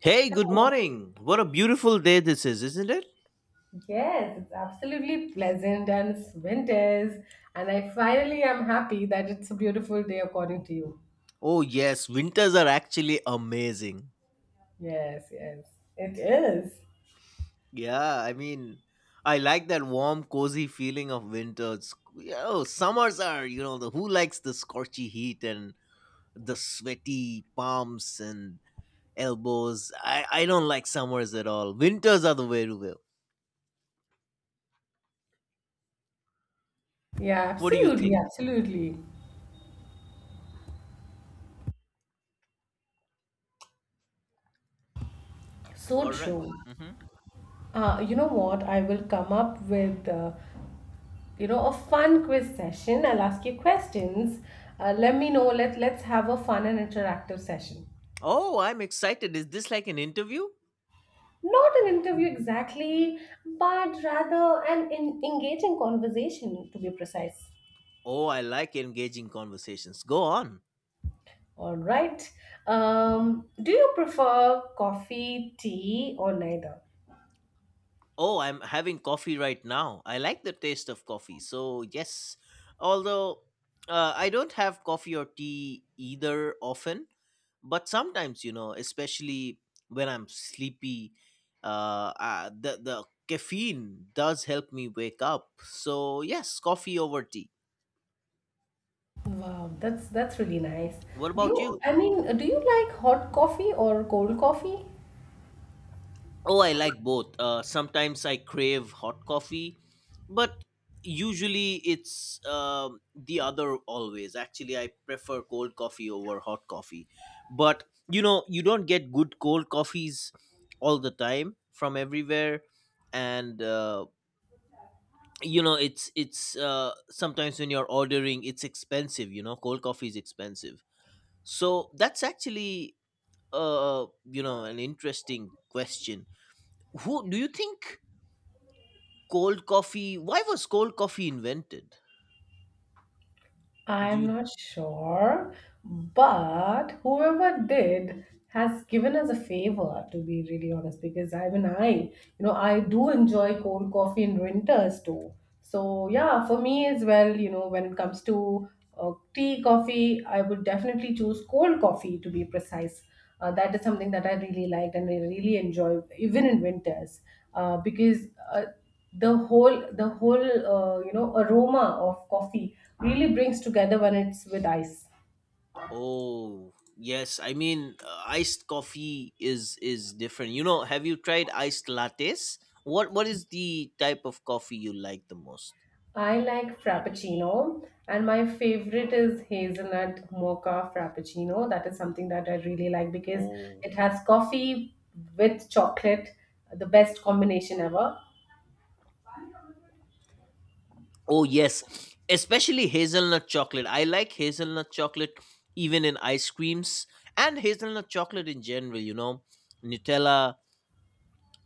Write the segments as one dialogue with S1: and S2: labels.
S1: Hey, good morning. What a beautiful day this is, isn't it?
S2: Yes, it's absolutely pleasant and it's winters. And I finally am happy that it's a beautiful day according to you.
S1: Oh, yes, winters are actually amazing.
S2: Yes, yes, it is.
S1: Yeah, I like that warm, cozy feeling of winters. Yeah. Oh, summers are, the who likes the scorchy heat and the sweaty palms and elbows? I don't like summers at all. Winters are the way to go.
S2: Yeah,
S1: What do you
S2: absolutely,
S1: think?
S2: absolutely. So
S1: All right.
S2: true.
S1: Mm-hmm.
S2: You know what? I will come up with, a fun quiz session. I'll ask you questions. Let me know. Let's have a fun and interactive session.
S1: Oh, I'm excited. Is this like an interview?
S2: Not an interview exactly, but rather an in engaging conversation, to be precise.
S1: Oh, I like engaging conversations. Go on.
S2: All right. Do you prefer coffee, tea, or neither?
S1: Oh, I'm having coffee right now. I like the taste of coffee. So, yes, although I don't have coffee or tea either often, but sometimes, especially when I'm sleepy, the caffeine does help me wake up. So, yes, coffee over tea.
S2: Wow, that's really nice.
S1: What
S2: Do
S1: about
S2: you?
S1: you?
S2: I mean, do you like hot coffee or cold coffee?
S1: Oh, I like both. Sometimes I crave hot coffee, but usually it's the other always. Actually, I prefer cold coffee over hot coffee. But you don't get good cold coffees all the time from everywhere, and you know, it's sometimes when you're ordering, it's expensive. You know, cold coffee is expensive. So that's actually uh, an interesting question. Who do you think? Cold coffee. Why was cold coffee invented? Do
S2: I'm
S1: you?
S2: not sure, but whoever did has given us a favor, to be really honest, because I mean, you know, I do enjoy cold coffee in winters too. So, yeah, for me as well, you know, when it comes to tea, coffee, I would definitely choose cold coffee to be precise. That is something that I really liked and I really enjoy, even in winters, because uh, the whole aroma of coffee really brings together when it's with ice.
S1: Oh, yes. Iced coffee is different. You know, have you tried iced lattes? What is the type of coffee you like the most?
S2: I like frappuccino, and my favorite is hazelnut mocha frappuccino. That is something that I really like because
S1: Oh,
S2: it has coffee with chocolate, the best combination ever.
S1: oh yes, especially hazelnut chocolate. I like hazelnut chocolate even in ice creams and hazelnut chocolate in general. You know, Nutella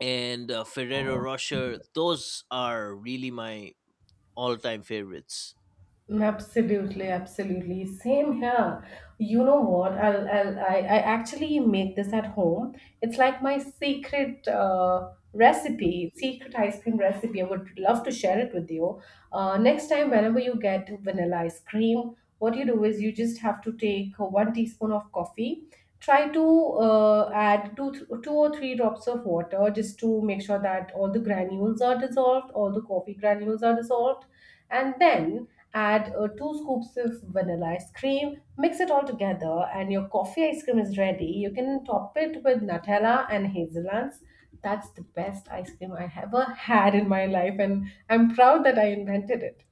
S1: and Ferrero Rocher. Those are really my all-time favorites.
S2: Absolutely, absolutely. Same here. You know what? I actually make this at home. It's like my secret recipe, secret ice cream recipe. I would love to share it with you. Next time, whenever you get vanilla ice cream, what you do is you just have to take one teaspoon of coffee. Try to add two or three drops of water just to make sure that all the granules are dissolved, all the coffee granules are dissolved, and then add two scoops of vanilla ice cream, mix it all together and your coffee ice cream is ready. You can top it with Nutella and hazelnuts. That's the best ice cream I ever had in my life and I'm proud that I invented it.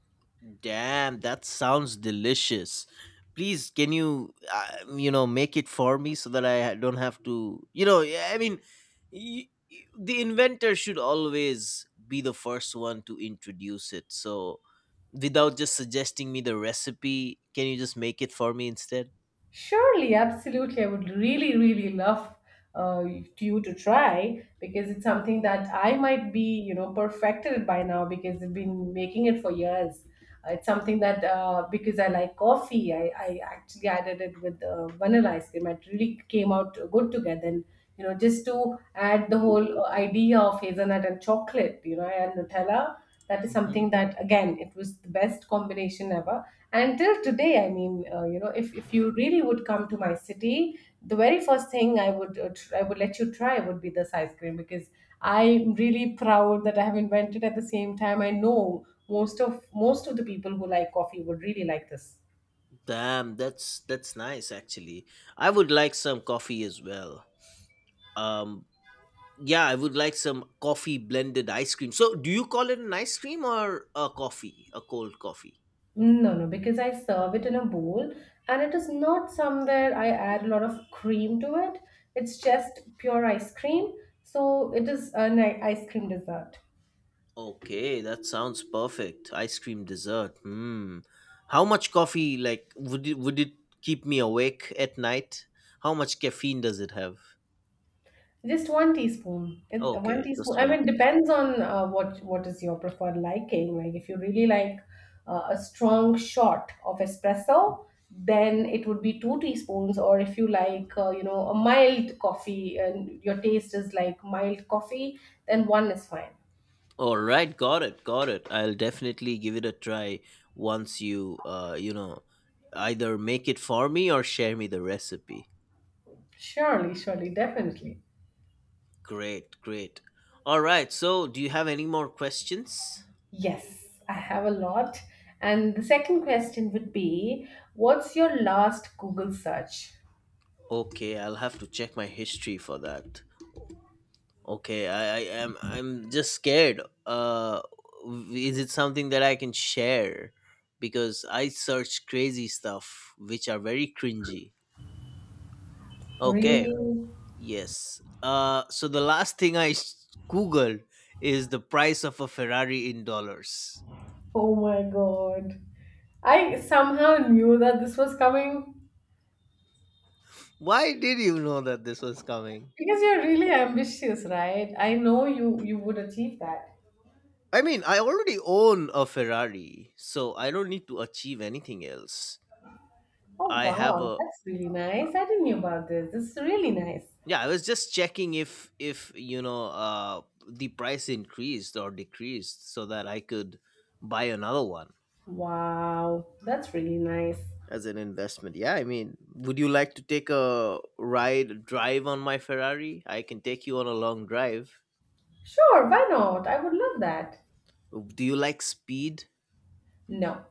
S1: Damn, that sounds delicious. Please, can you, make it for me so that I don't have to, yeah, the inventor should always be the first one to introduce it. So, without just suggesting me the recipe, can you just make it for me instead?
S2: Surely, absolutely. I would really, really love to you to try because it's something that I might be, you know, perfected by now because I've been making it for years. It's something that because I like coffee, I actually added it with vanilla ice cream. It really came out good together. And, you know, just to add the whole idea of hazelnut and chocolate, you know, and Nutella, that is
S1: Hmm.
S2: something that again it was the best combination ever. And till today, I mean, if you really would come to my city, the very first thing I would I would let you try would be this ice cream because I'm really proud that I have invented. At the same time, I know most of, most of the people who like coffee would really like this.
S1: Damn, that's nice actually. I would like some coffee as well. Um, Yeah, I would like some coffee blended ice cream. So, do you call it an ice cream or a coffee, a cold coffee?
S2: No, no, because I serve it in a bowl and it is not somewhere I add a lot of cream to it. It's just pure ice cream. So it is an ice cream dessert.
S1: Okay, that sounds perfect. Ice cream dessert. Hmm. How much coffee like would it keep me awake at night? How much caffeine does it have?
S2: Just one teaspoon. It's one
S1: Okay,
S2: teaspoon.
S1: just
S2: I
S1: one
S2: mean,
S1: teaspoon.
S2: depends on what is your preferred liking. Like if you really like a strong shot of espresso, then it would be two teaspoons. Or if you like, a mild coffee and your taste is like mild coffee, then one is fine.
S1: All right, got it, got it. I'll definitely give it a try once you you know either make it for me or share me the recipe.
S2: Surely, surely, definitely.
S1: Great, great. All right, so do you have any more questions?
S2: Yes, I have a lot. And the second question would be, what's your last Google search?
S1: Okay, I'll have to check my history for that. Okay, I am I'm just scared. Is it something that I can share? Because I search crazy stuff which are very cringy. Okay,
S2: Really?
S1: yes. So the last thing I googled is the price of a Ferrari in dollars.
S2: Oh my God. I somehow knew that this was coming
S1: Why did you know that this was coming?
S2: because you're really ambitious, right? I know you would achieve that.
S1: I mean, I already own a Ferrari, so I don't need to achieve anything else.
S2: Oh
S1: I have
S2: wow,
S1: a
S2: that's really nice. I didn't know about this. This is really nice.
S1: Yeah. I was just checking if you know the price increased or decreased so that I could buy another one
S2: Wow, that's really nice.
S1: as an investment. Yeah, I mean, would you like to take a ride drive on my Ferrari? I can take you on a long drive.
S2: Sure, why not? I would love that.
S1: Do you like speed?
S2: No,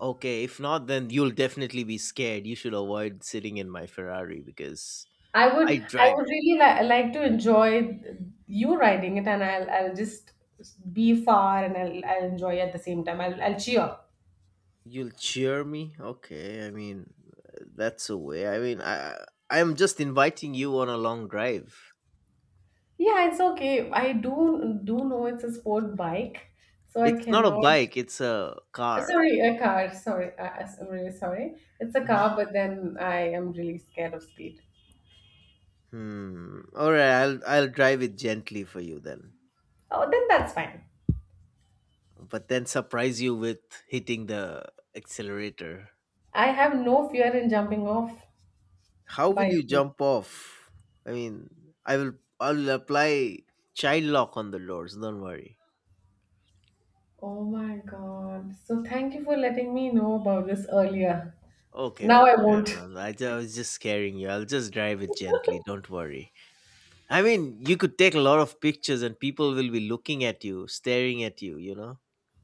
S1: Okay, if not, then you'll definitely be scared. You should avoid sitting in my Ferrari because
S2: I would
S1: I
S2: I
S1: drive.
S2: would really like to enjoy you riding it and I'll just be far and I'll enjoy. At the same time, I'll cheer.
S1: You'll cheer me? Okay, I mean, that's a way. I'm just inviting you on a long drive.
S2: Yeah, it's okay. I do know it's a sport bike, so I
S1: It's not a
S2: cannot.
S1: bike, it's a car.
S2: Sorry, a car. Sorry, I'm really sorry. It's a
S1: Mhm.
S2: car, but then I am really scared of speed.
S1: Hmm. All right, I'll drive it gently for you then.
S2: Oh, then that's fine.
S1: But then surprise you with hitting the accelerator.
S2: I have no fear in jumping off,
S1: How will
S2: by
S1: you
S2: the way.
S1: jump off? I mean, I will I'll apply child lock on the doors, don't worry.
S2: Oh my God. So thank you for letting me know about this earlier.
S1: Okay,
S2: Now I
S1: okay. I
S2: won't.
S1: know. I was just scaring you. I'll just drive it gently, don't worry. I mean, you could take a lot of pictures and people will be looking at you, staring at you, you know?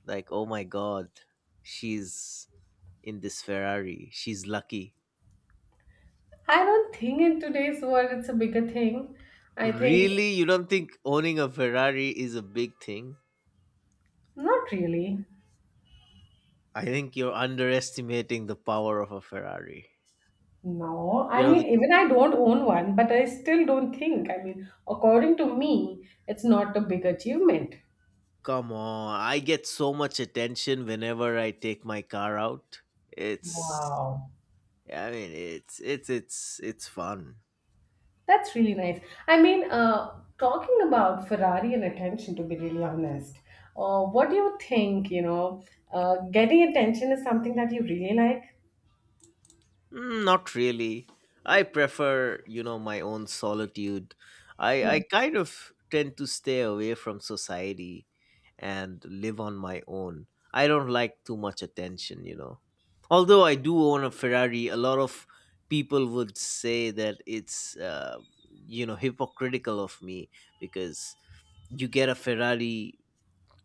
S1: Like, oh my god, she's in this Ferrari. She's lucky.
S2: I don't think in today's world it's a bigger thing. I think
S1: Really? You don't think owning a Ferrari is a big thing?
S2: not really.
S1: I think you're underestimating the power of a Ferrari.
S2: No,
S1: You
S2: I
S1: know,
S2: mean,
S1: the,
S2: even I don't own one, but I still don't think. I mean, according to me, it's not a big achievement.
S1: come on. I get so much attention whenever I take my car out. It's
S2: Wow.
S1: I mean, It's fun.
S2: That's really nice. I mean, talking about Ferrari and attention, to be really honest, what do you think? You know, getting attention is something that you really like?
S1: Mm, not really. I prefer, you know, my own solitude. I kind of tend to stay away from society and live on my own. I don't like too much attention, you know. Although I do own a Ferrari, a lot of people would say that it's, hypocritical of me because you get a Ferrari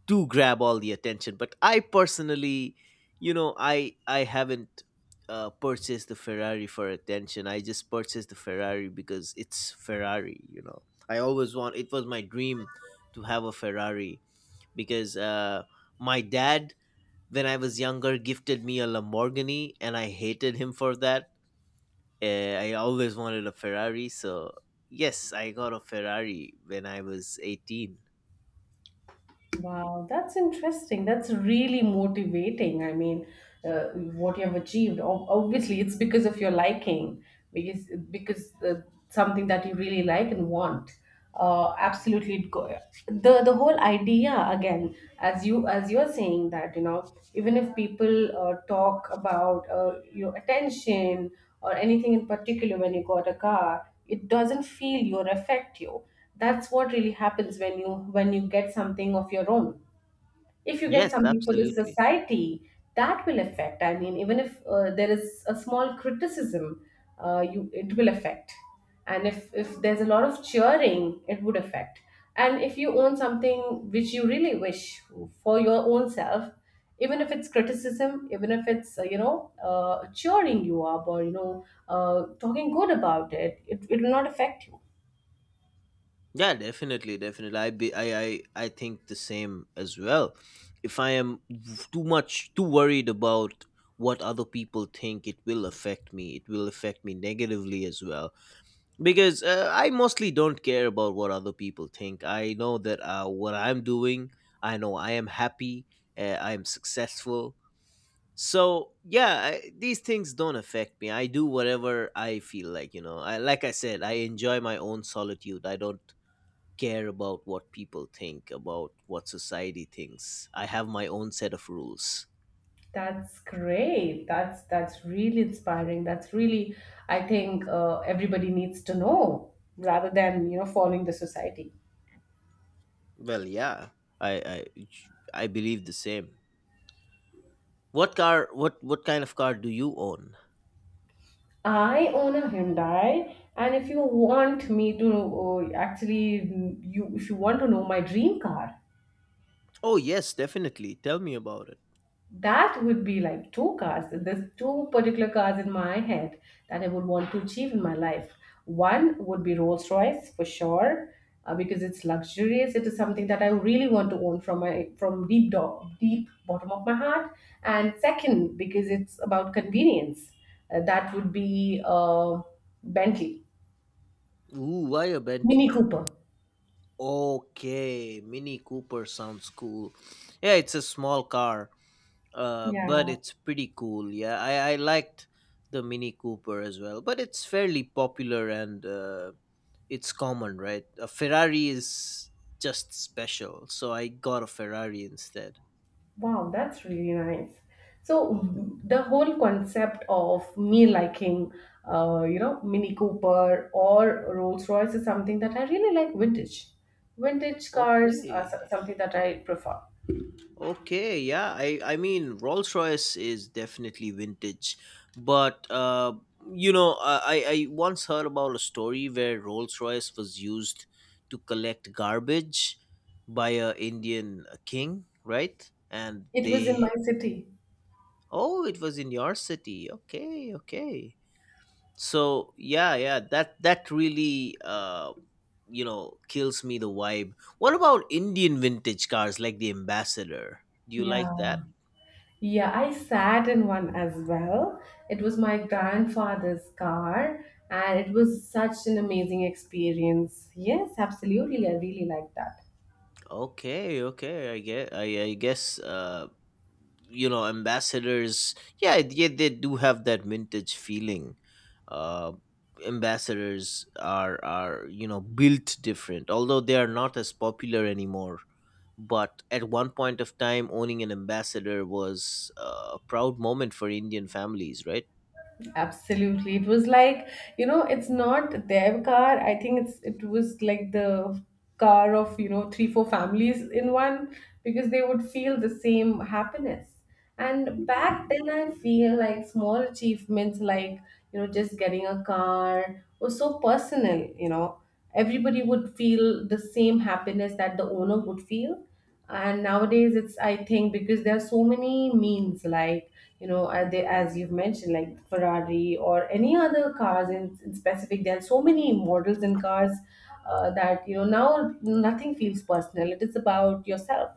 S1: do grab all the attention, but I personally, you know I haven't purchased the Ferrari for attention. I just purchased the Ferrari because it's Ferrari, you know. I always want It was my dream to have a Ferrari, because my dad, when I was younger, gifted me a Lamborghini, and I hated him for that. I always wanted a Ferrari, so yes, I got a Ferrari when I was 18.
S2: Wow, that's interesting. That's really motivating. I mean, what you have achieved. Obviously, it's because of your liking, because something that you really like and want. Absolutely, the whole idea again, as you're saying that you know, even if people talk about your attention or anything in particular when you got a car, it doesn't feel you or affect you. That's what really happens when you get something of your own. If you get
S1: Yes,
S2: something for the
S1: absolutely.
S2: society, that will affect. I mean, even if there is a small criticism, you it will affect. And if there's a lot of cheering, it would affect. And if you own something which you really wish for your own self, even if it's criticism, even if it's, uh, cheering you up or you know, talking good about it, it will not affect you.
S1: Yeah, definitely, definitely. I be I think the same as well. If I am too much too worried about what other people think, it will affect me. It will affect me negatively as well, because I mostly don't care about what other people think. I know that what I'm doing, I know I am happy, I am successful. So yeah, these things don't affect me. I do whatever I feel like. You know, I like I said, I enjoy my own solitude. I don't care about what people think, about what society thinks. I have my own set of rules.
S2: That's great. That's really inspiring. That's really, I think everybody needs to know rather than you know following the society.
S1: Well, yeah. I I, I believe the same. What car? What kind of car do you own?
S2: I own a Hyundai, and if you want me to actually, you if you want to know my dream car,
S1: Oh, yes, definitely. Tell me about it.
S2: that would be like two cars. There's two particular cars in my head that I would want to achieve in my life. One would be Rolls Royce for sure, because it's luxurious. It is something that I really want to own from my from deep deep bottom of my heart. And second, because it's about convenience, that would be Bentley,
S1: Ooh, why a
S2: Mini
S1: Bentley?
S2: Cooper.
S1: Okay, Mini Cooper sounds cool. Yeah, it's a small car, but
S2: Yeah.
S1: it's pretty cool. Yeah, I liked the Mini Cooper as well, but it's fairly popular, and it's common, right? A Ferrari is just special, so I got a Ferrari instead.
S2: Wow, that's really nice. So mhm, the whole concept of me liking, you know, Mini Cooper or Rolls Royce is something that I really like vintage.
S1: Okay.
S2: Something that I prefer.
S1: Okay, yeah. I mean Rolls-Royce is definitely vintage, but you know, I once heard about a story where Rolls-Royce was used to collect garbage by a Indian king, right? And
S2: It was in
S1: they...
S2: my city.
S1: Oh, it was in your city. Okay, okay. So yeah, yeah, that that really kills me the vibe. What about Indian vintage cars like the Ambassador? Do you
S2: Yeah.
S1: like that?
S2: Yeah, I sat in one as well. It was my grandfather's car, and it was such an amazing experience. Yes, absolutely. I really like that.
S1: Okay, okay. I get I guess you know ambassadors yeah, yeah, they do have that vintage feeling. uh Ambassadors are, you know, built different, although they are not as popular anymore. But at one point of time, owning an Ambassador was a proud moment for Indian families, right?
S2: Absolutely. It was like, you know, it's not their car. I think it was like the car of, you know, three, four families in one because they would feel the same happiness. And back then I feel like small achievements like, you know, just getting a car was so personal, you know. Everybody would feel the same happiness that the owner would feel. And nowadays it's, I think because there are so many means, like, you know, they, as you've mentioned, like Ferrari or any other cars in specific, there are so many models in cars, that you know now nothing feels personal, it is about yourself.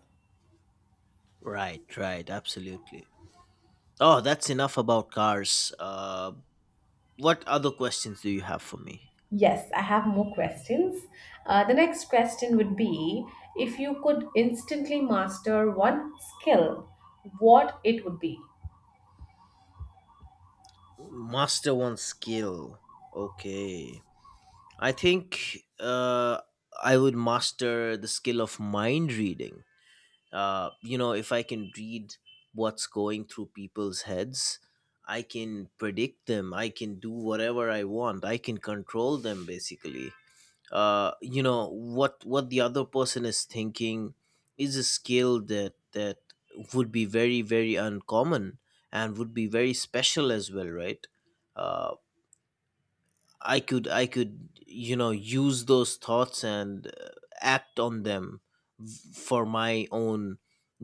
S1: Right, right, absolutely. Oh, that's enough about cars. What other questions do you have for me?
S2: Yes, I have more questions. The next question would be, if you could instantly master one skill, what it would be?
S1: Master one skill. Okay, I think, I would master the skill of mind reading. You know, if I can read what's going through people's heads, I can predict them. I can do whatever I want. I can control them basically. You know, what the other person is thinking is a skill that would be very very uncommon and would be very special as well, right? Uh, I could, you know, use those thoughts and act on them for my own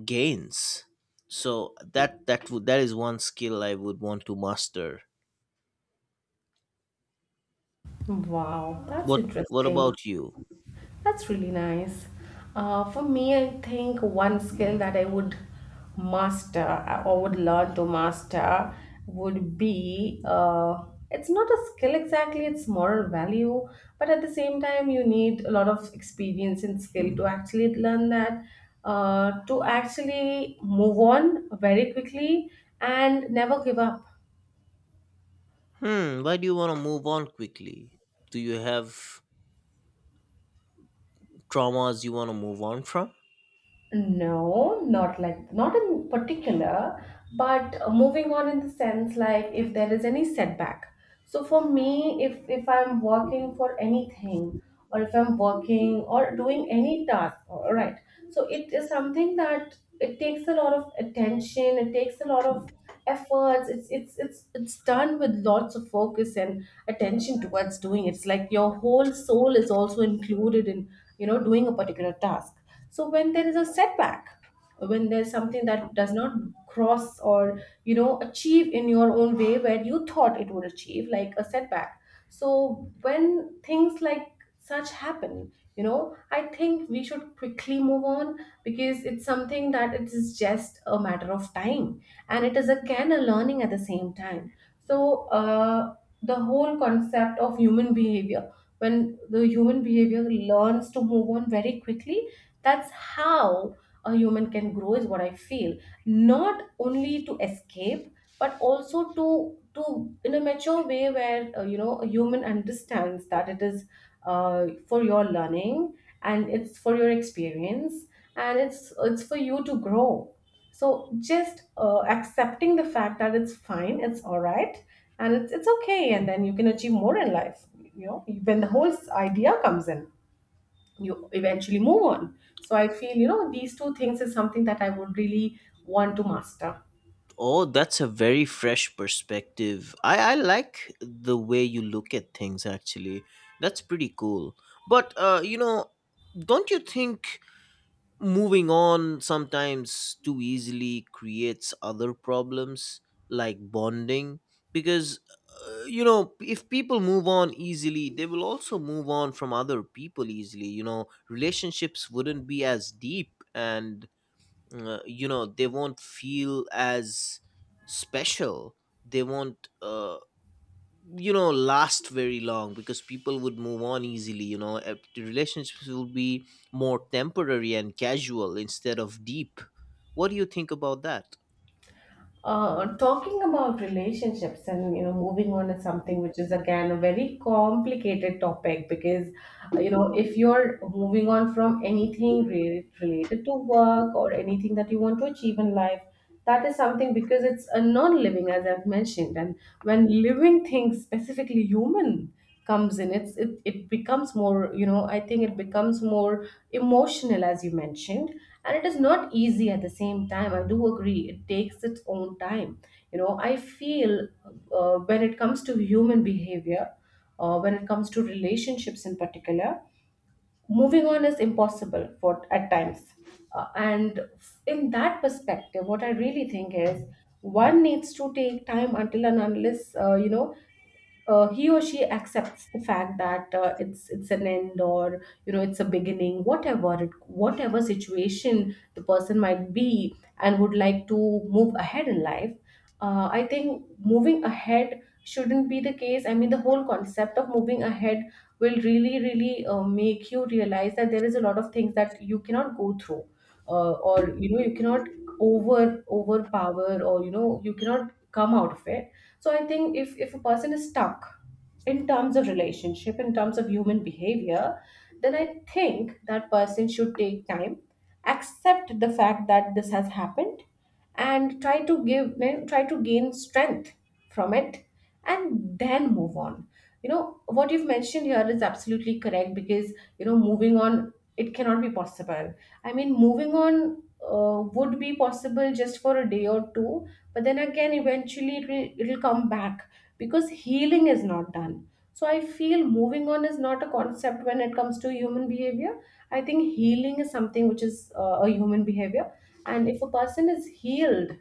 S1: gains. So that that would that is one skill I would want to master.
S2: Wow, that's
S1: What what
S2: interesting.
S1: about you?
S2: That's really nice. For me, I think one skill that I would master, or would learn to master, would be, it's not a skill exactly, it's moral value, but at the same time, you need a lot of experience and skill to actually learn that, to actually move on very quickly and never give up.
S1: Hmm, why do you want to move on quickly? Do you have traumas you want to move on from?
S2: No, not like not in particular, but moving on in the sense like if there is any setback. So for me, if I'm working for anything or if I'm working or doing any task, all right. So it is something that it takes a lot of attention, it takes a lot of efforts. It's done with lots of focus and attention towards doing it. It's like your whole soul is also included in, doing a particular task. So when there is a setback, when there's something that does not cross or achieve in your own way where you thought it would achieve, like a setback. So when things like such happen. I think we should quickly move on, because it's something that it is just a matter of time, and it is again a learning at the same time. So the whole concept of human behavior, when the human behavior learns to move on very quickly, that's how a human can grow, is what I feel. Not only to escape, but also to in a mature way where, a human understands that it is, for your learning, and it's for your experience, and it's for you to grow. So just, accepting the fact that it's fine, it's all right, and it's okay, and then you can achieve more in life. When the whole idea comes in, you eventually move on. So I feel, these two things is something that I would really want to master.
S1: Oh, that's a very fresh perspective. I like the way you look at things, actually. That's pretty cool. But, you know, don't you think moving on sometimes too easily creates other problems like bonding? Because, you know, if people move on easily, they will also move on from other people easily. You know, relationships wouldn't be as deep. And mm, you know, they won't feel as special, they won't you know, last very long, because people would move on easily, you know. The relationships will be more temporary and casual instead of deep. What do you think about that?
S2: Talking about relationships and moving on is something which is again a very complicated topic, because, if you're moving on from anything related to work or anything that you want to achieve in life, that is something, because it's a non-living, as I've mentioned. And when living things, specifically human, comes in, it becomes more, I think it becomes more emotional, as you mentioned. And it is not easy at the same time, I do agree. It takes its own time. I feel, when it comes to human behavior, when it comes to relationships in particular, moving on is impossible for at times. Uh, and in that perspective, what I really think is, one needs to take time until and unless, he or she accepts the fact that, it's an end, or it's a beginning, whatever situation the person might be and would like to move ahead in life. I think moving ahead shouldn't be the case, I mean the whole concept of moving ahead will really really, make you realize that there is a lot of things that you cannot go through, or you cannot overpower or you cannot come out of it. So I think, if a person is stuck in terms of relationship, in terms of human behavior, then I think that person should take time, accept the fact that this has happened, and try to gain strength from it, and then move on. you know what you've mentioned here is absolutely correct, because moving on, it cannot be possible. I mean, moving on, would be possible just for a day or two, but then again eventually it'll come back, because healing is not done. So I feel moving on is not a concept when it comes to human behavior. I think healing is something which is, a human behavior, and if a person is healed,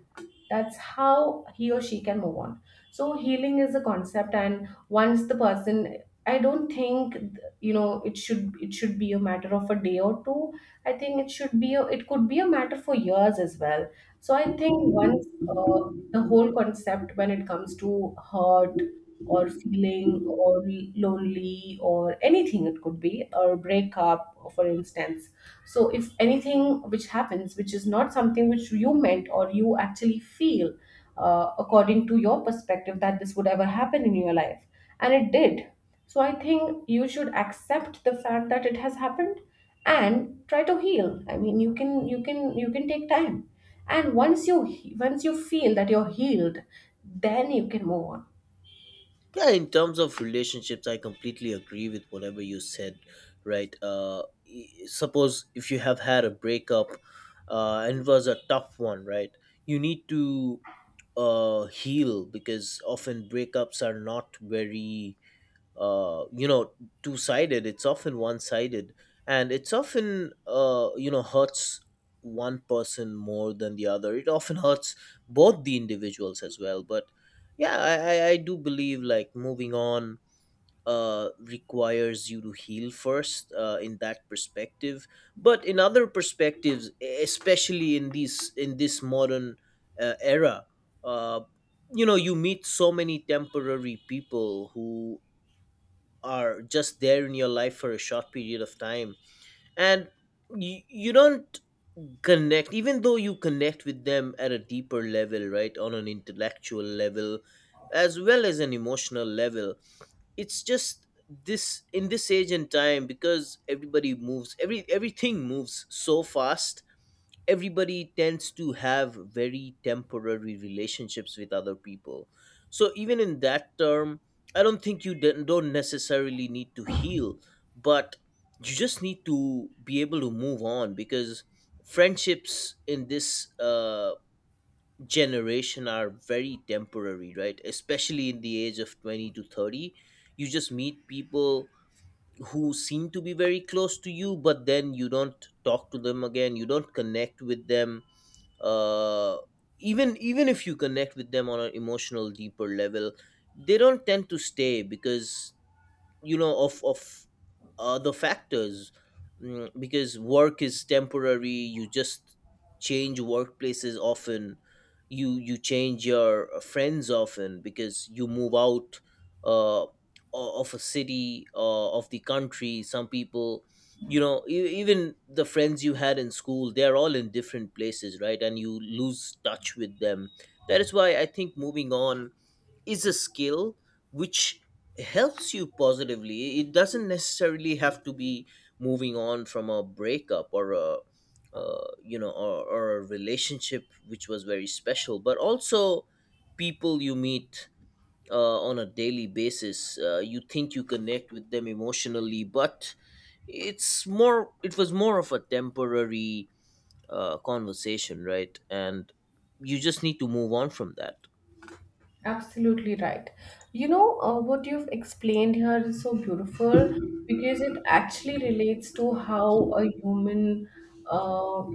S2: that's how he or she can move on. So healing is a concept, and once the person, I don't think, it should be a matter of a day or two, I think it should it could be a matter for years as well. So I think once, the whole concept when it comes to hurt or feeling or lonely or anything, it could be, or breakup for instance. So if anything which happens which is not something which you meant or you actually feel, according to your perspective, that this would ever happen in your life, and it did, so I think you should accept the fact that it has happened and try to heal. I mean, you can take time. And once you once you feel that you're healed, then you can move on.
S1: Yeah, in terms of relationships, I completely agree with whatever you said, right? Suppose if you have had a breakup, and it was a tough one, right? You need to heal, because often breakups are not very you know, two sided. It's often one sided, and it's often, you know, hurts one person more than the other. It often hurts both the individuals as well. But yeah, I do believe like moving on requires you to heal first, in that perspective. But in other perspectives, especially in these in this modern era, uh, you know, you meet so many temporary people who are just there in your life for a short period of time. And you don't connect, even though you connect with them at a deeper level, right? On an intellectual level as well as an emotional level. It's just this age and time, because everybody moves, everything moves so fast. Everybody tends to have very temporary relationships with other people. So even in that term, I don't think you don't necessarily need to heal, but you just need to be able to move on, because friendships in this generation are very temporary, right? Especially in the age of 20 to 30, you just meet people who seem to be very close to you, but then you don't talk to them again, you don't connect with them. uh Even if you connect with them on an emotional deeper level, they don't tend to stay, because you know, of the factors. Because work is temporary, you just change workplaces often. You change your friends often because you move out uh, of a city, of the country. Some people, you know, even the friends you had in school, they're all in different places, right? And you lose touch with them. That is why I think moving on is a skill which helps you positively. It doesn't necessarily have to be moving on from a breakup or a, you know or a relationship which was very special, but also people you meet on a daily basis, you think you connect with them emotionally, but it's more it was more of a temporary conversation, right? And you just need to move on from that.
S2: Absolutely right. You know, what you've explained here is so beautiful, because it actually relates to how a human, uh,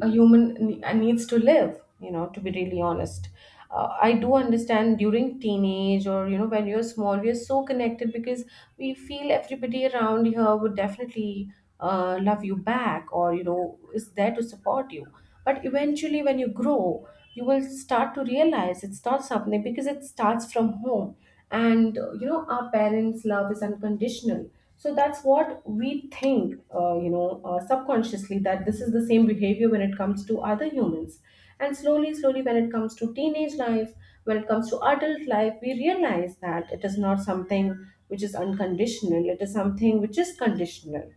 S2: a human needs to live, to be really honest. I do understand, during teenage, or when you're small, we are so connected, because we feel everybody around here would definitely, love you back, or is there to support you. But eventually when you grow, you will start to realize it's not something, because it starts from home. And, our parents love is unconditional, so that's what we think, subconsciously, that this is the same behavior when it comes to other humans. And slowly slowly, when it comes to teenage life, when it comes to adult life, we realize that it is not something which is unconditional, it is something which is conditional.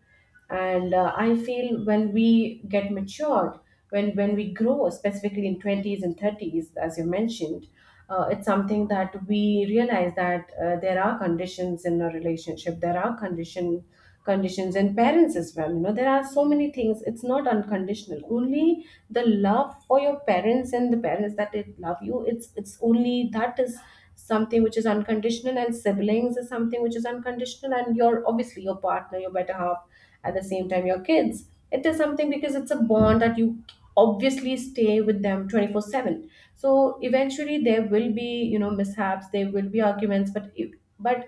S2: And, I feel when we get matured, when we grow, specifically in 20s and 30s, as you mentioned, it's something that we realize that, there are conditions in a relationship, there are conditions in parents as well. You know, there are so many things. It's not unconditional, only the love for your parents, and the parents that it love you, it's only that is something which is unconditional. And siblings is something which is unconditional, and your, obviously your partner, your better half, at the same time your kids, it is something, because it's a bond that you obviously stay with them 24/7. So eventually there will be, mishaps, there will be arguments, but if-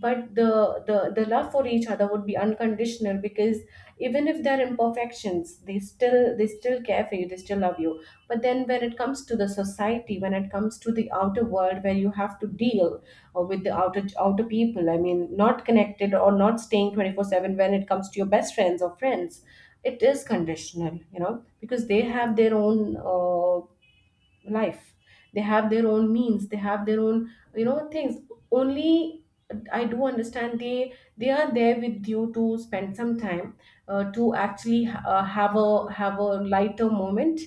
S2: but the love for each other would be unconditional, because even if there are imperfections, they still care for you, they still love you. But then when it comes to the society, when it comes to the outer world, where you have to deal, or with the outer people, I mean not connected or not staying 24/7, when it comes to your best friends or friends, it is conditional. You know, because they have their own, life, they have their own means, they have their own, things only. I do understand, they are there with you to spend some time, to actually, have a lighter moment.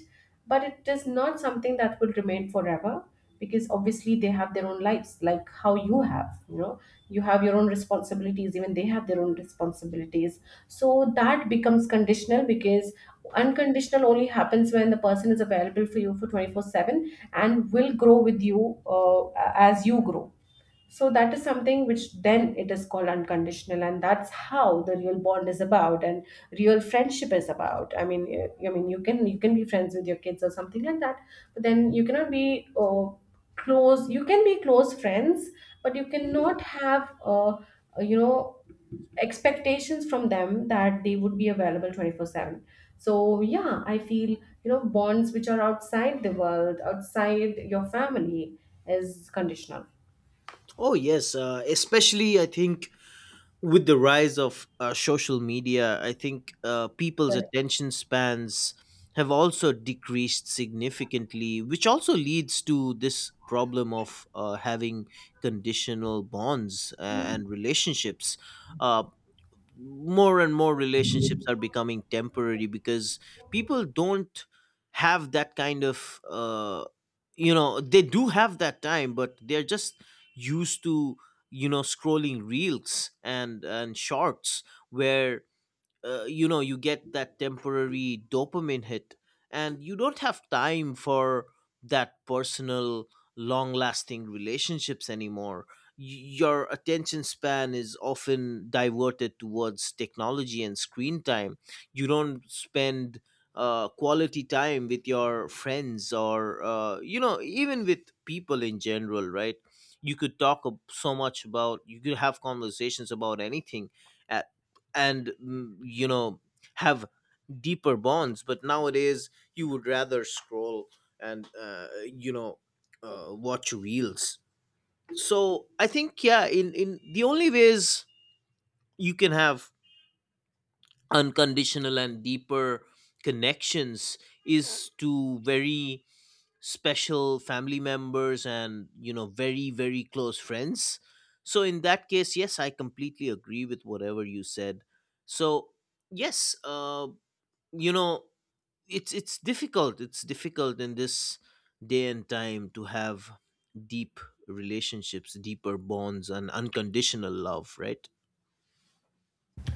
S2: But it is not something that will remain forever, because obviously they have their own lives, like how you have, you have your own responsibilities, even they have their own responsibilities. So that becomes conditional, because unconditional only happens when the person is available for you for 24/7 and will grow with you, as you grow. So that is something which, then it is called unconditional, and that's how the real bond is about, and real friendship is about. I mean, you can be friends with your kids or something like that, but then you cannot be, close. You can be close friends, but you cannot have, you know expectations from them that they would be available 24/7. So yeah, I feel, bonds which are outside the world, outside your family, is conditional.
S1: Oh yes, especially I think with the rise of social media, I think people's
S2: Correct.
S1: attention spans have also decreased significantly, which also leads to this problem of having conditional bonds and relationships. Uh, More and more relationships are becoming temporary because people don't have that kind of you know, they do have that time, but they're just used to, you know, scrolling reels and shorts, where you know, you get that temporary dopamine hit, and you don't have time for that personal long lasting relationships anymore. Your attention span is often diverted towards technology and screen time. You don't spend quality time with your friends or, you know, even with people in general, right? You could so much about, you could have conversations about anything, uh, and, you know, have deeper bonds, but nowadays you would rather scroll and, you know, watch reels. So I think, yeah, in the only ways you can have unconditional and deeper connections is to very special family members and, you know, very very close friends. So in that case, yes, I completely agree with whatever you said. So yes, you know, it's difficult, it's difficult in this day and time to have deep relationships, deeper bonds, and unconditional love, right?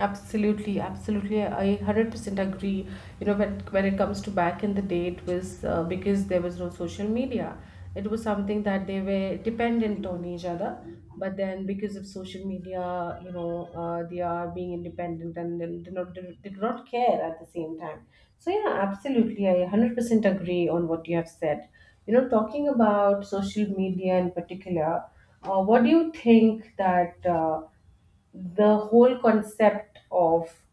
S2: Absolutely, absolutely. I 100% agree. You know, when it comes to back in the day, it was, because there was no social media. It was something that they were dependent on each other. But then, because of social media, you know, they are being independent, and then do not they do not care at the same time. So yeah, absolutely, I 100% agree on what you have said. You know, talking about social media in particular, what do you think that? The whole concept of,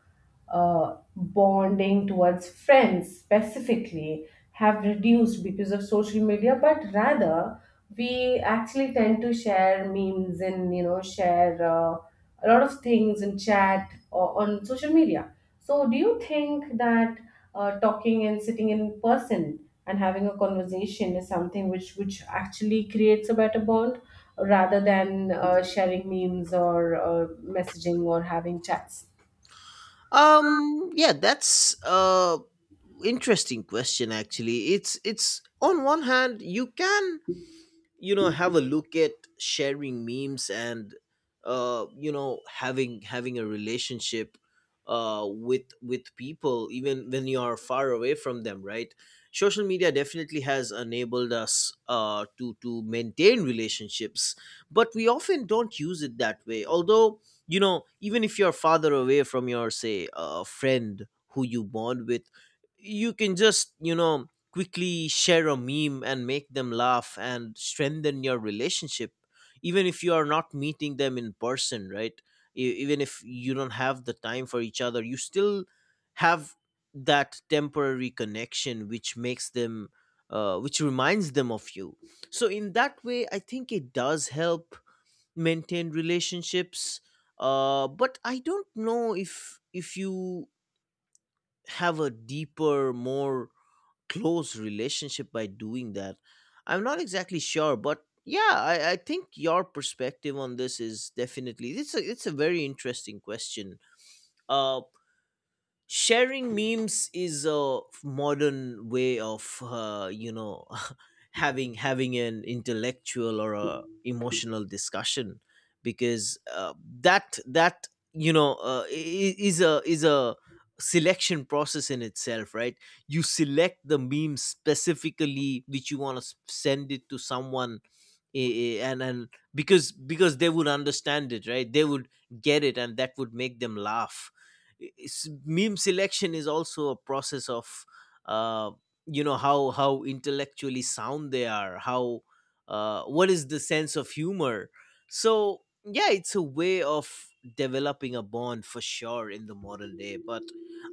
S2: bonding towards friends specifically, have reduced because of social media, but rather we actually tend to share memes, and you know, share, a lot of things and chat or on social media. So do you think that, talking and sitting in person and having a conversation is something which actually creates a better bond, rather than, sharing memes, or, messaging or having chats?
S1: Yeah, that's a interesting question actually. It's, on one hand, you can, you know, have a look at sharing memes and, you know, having a relationship with people even when you are far away from them, right? Social media definitely has enabled us to maintain relationships, but we often don't use it that way. Although, you know, even if you're farther away from your, say, friend who you bond with, you can just, you know, quickly share a meme and make them laugh and strengthen your relationship, even if you are not meeting them in person, right? Even if you don't have the time for each other, you still have that temporary connection which makes them, which reminds them of you. So in that way I think it does help maintain relationships. But I don't know if you have a deeper, more close relationship by doing that. I'm not exactly sure, but yeah, I think your perspective on this is definitely, it's a very interesting question. Uh Sharing memes is a modern way of, you know, having an intellectual or a emotional discussion, because that that you know, is a selection process in itself, right? You select the meme specifically which you want to send it to someone, I- and because they would understand it, right? They would get it, and that would make them laugh. Meme selection is also a process of, uh, you know, how intellectually sound they are, how, what is the sense of humor. So yeah, it's a way of developing a bond for sure in the modern day, but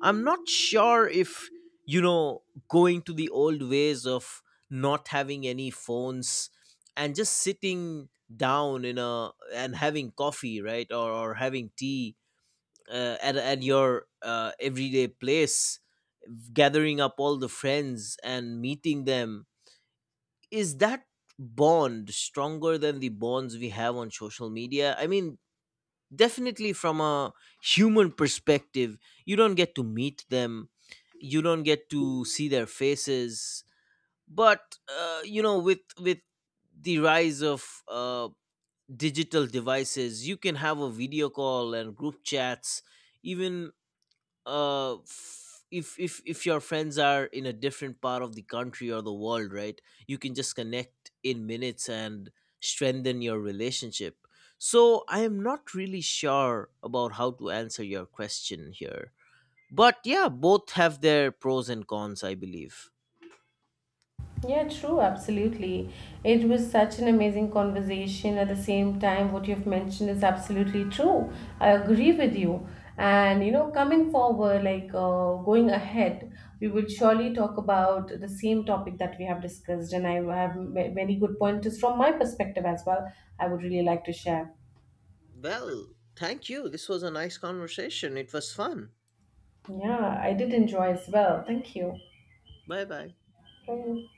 S1: I'm not sure if, you know, going to the old ways of not having any phones and just sitting down in a, and having coffee, right? Or having tea, at, your everyday place, gathering up all the friends and meeting them. Is that bond stronger than the bonds we have on social media? I mean, definitely from a human perspective, you don't get to meet them, you don't get to see their faces, but, you know, with the rise of digital devices, you can have a video call and group chats, even, if your friends are in a different part of the country or the world, right? You can just connect in minutes and strengthen your relationship. So I am not really sure about how to answer your question here, but yeah, both have their pros and cons, I believe.
S2: Yeah, true, absolutely. It was such an amazing conversation. At the same time, what you've mentioned is absolutely true. I agree with you. And you know, coming forward, like, going ahead, we will surely talk about the same topic that we have discussed. And I have many good pointers from my perspective as well. I would really like to share.
S1: Well, thank you, this was a nice conversation, it was fun.
S2: Yeah, I did enjoy as well. Thank you.
S1: Bye bye.
S2: Thank you.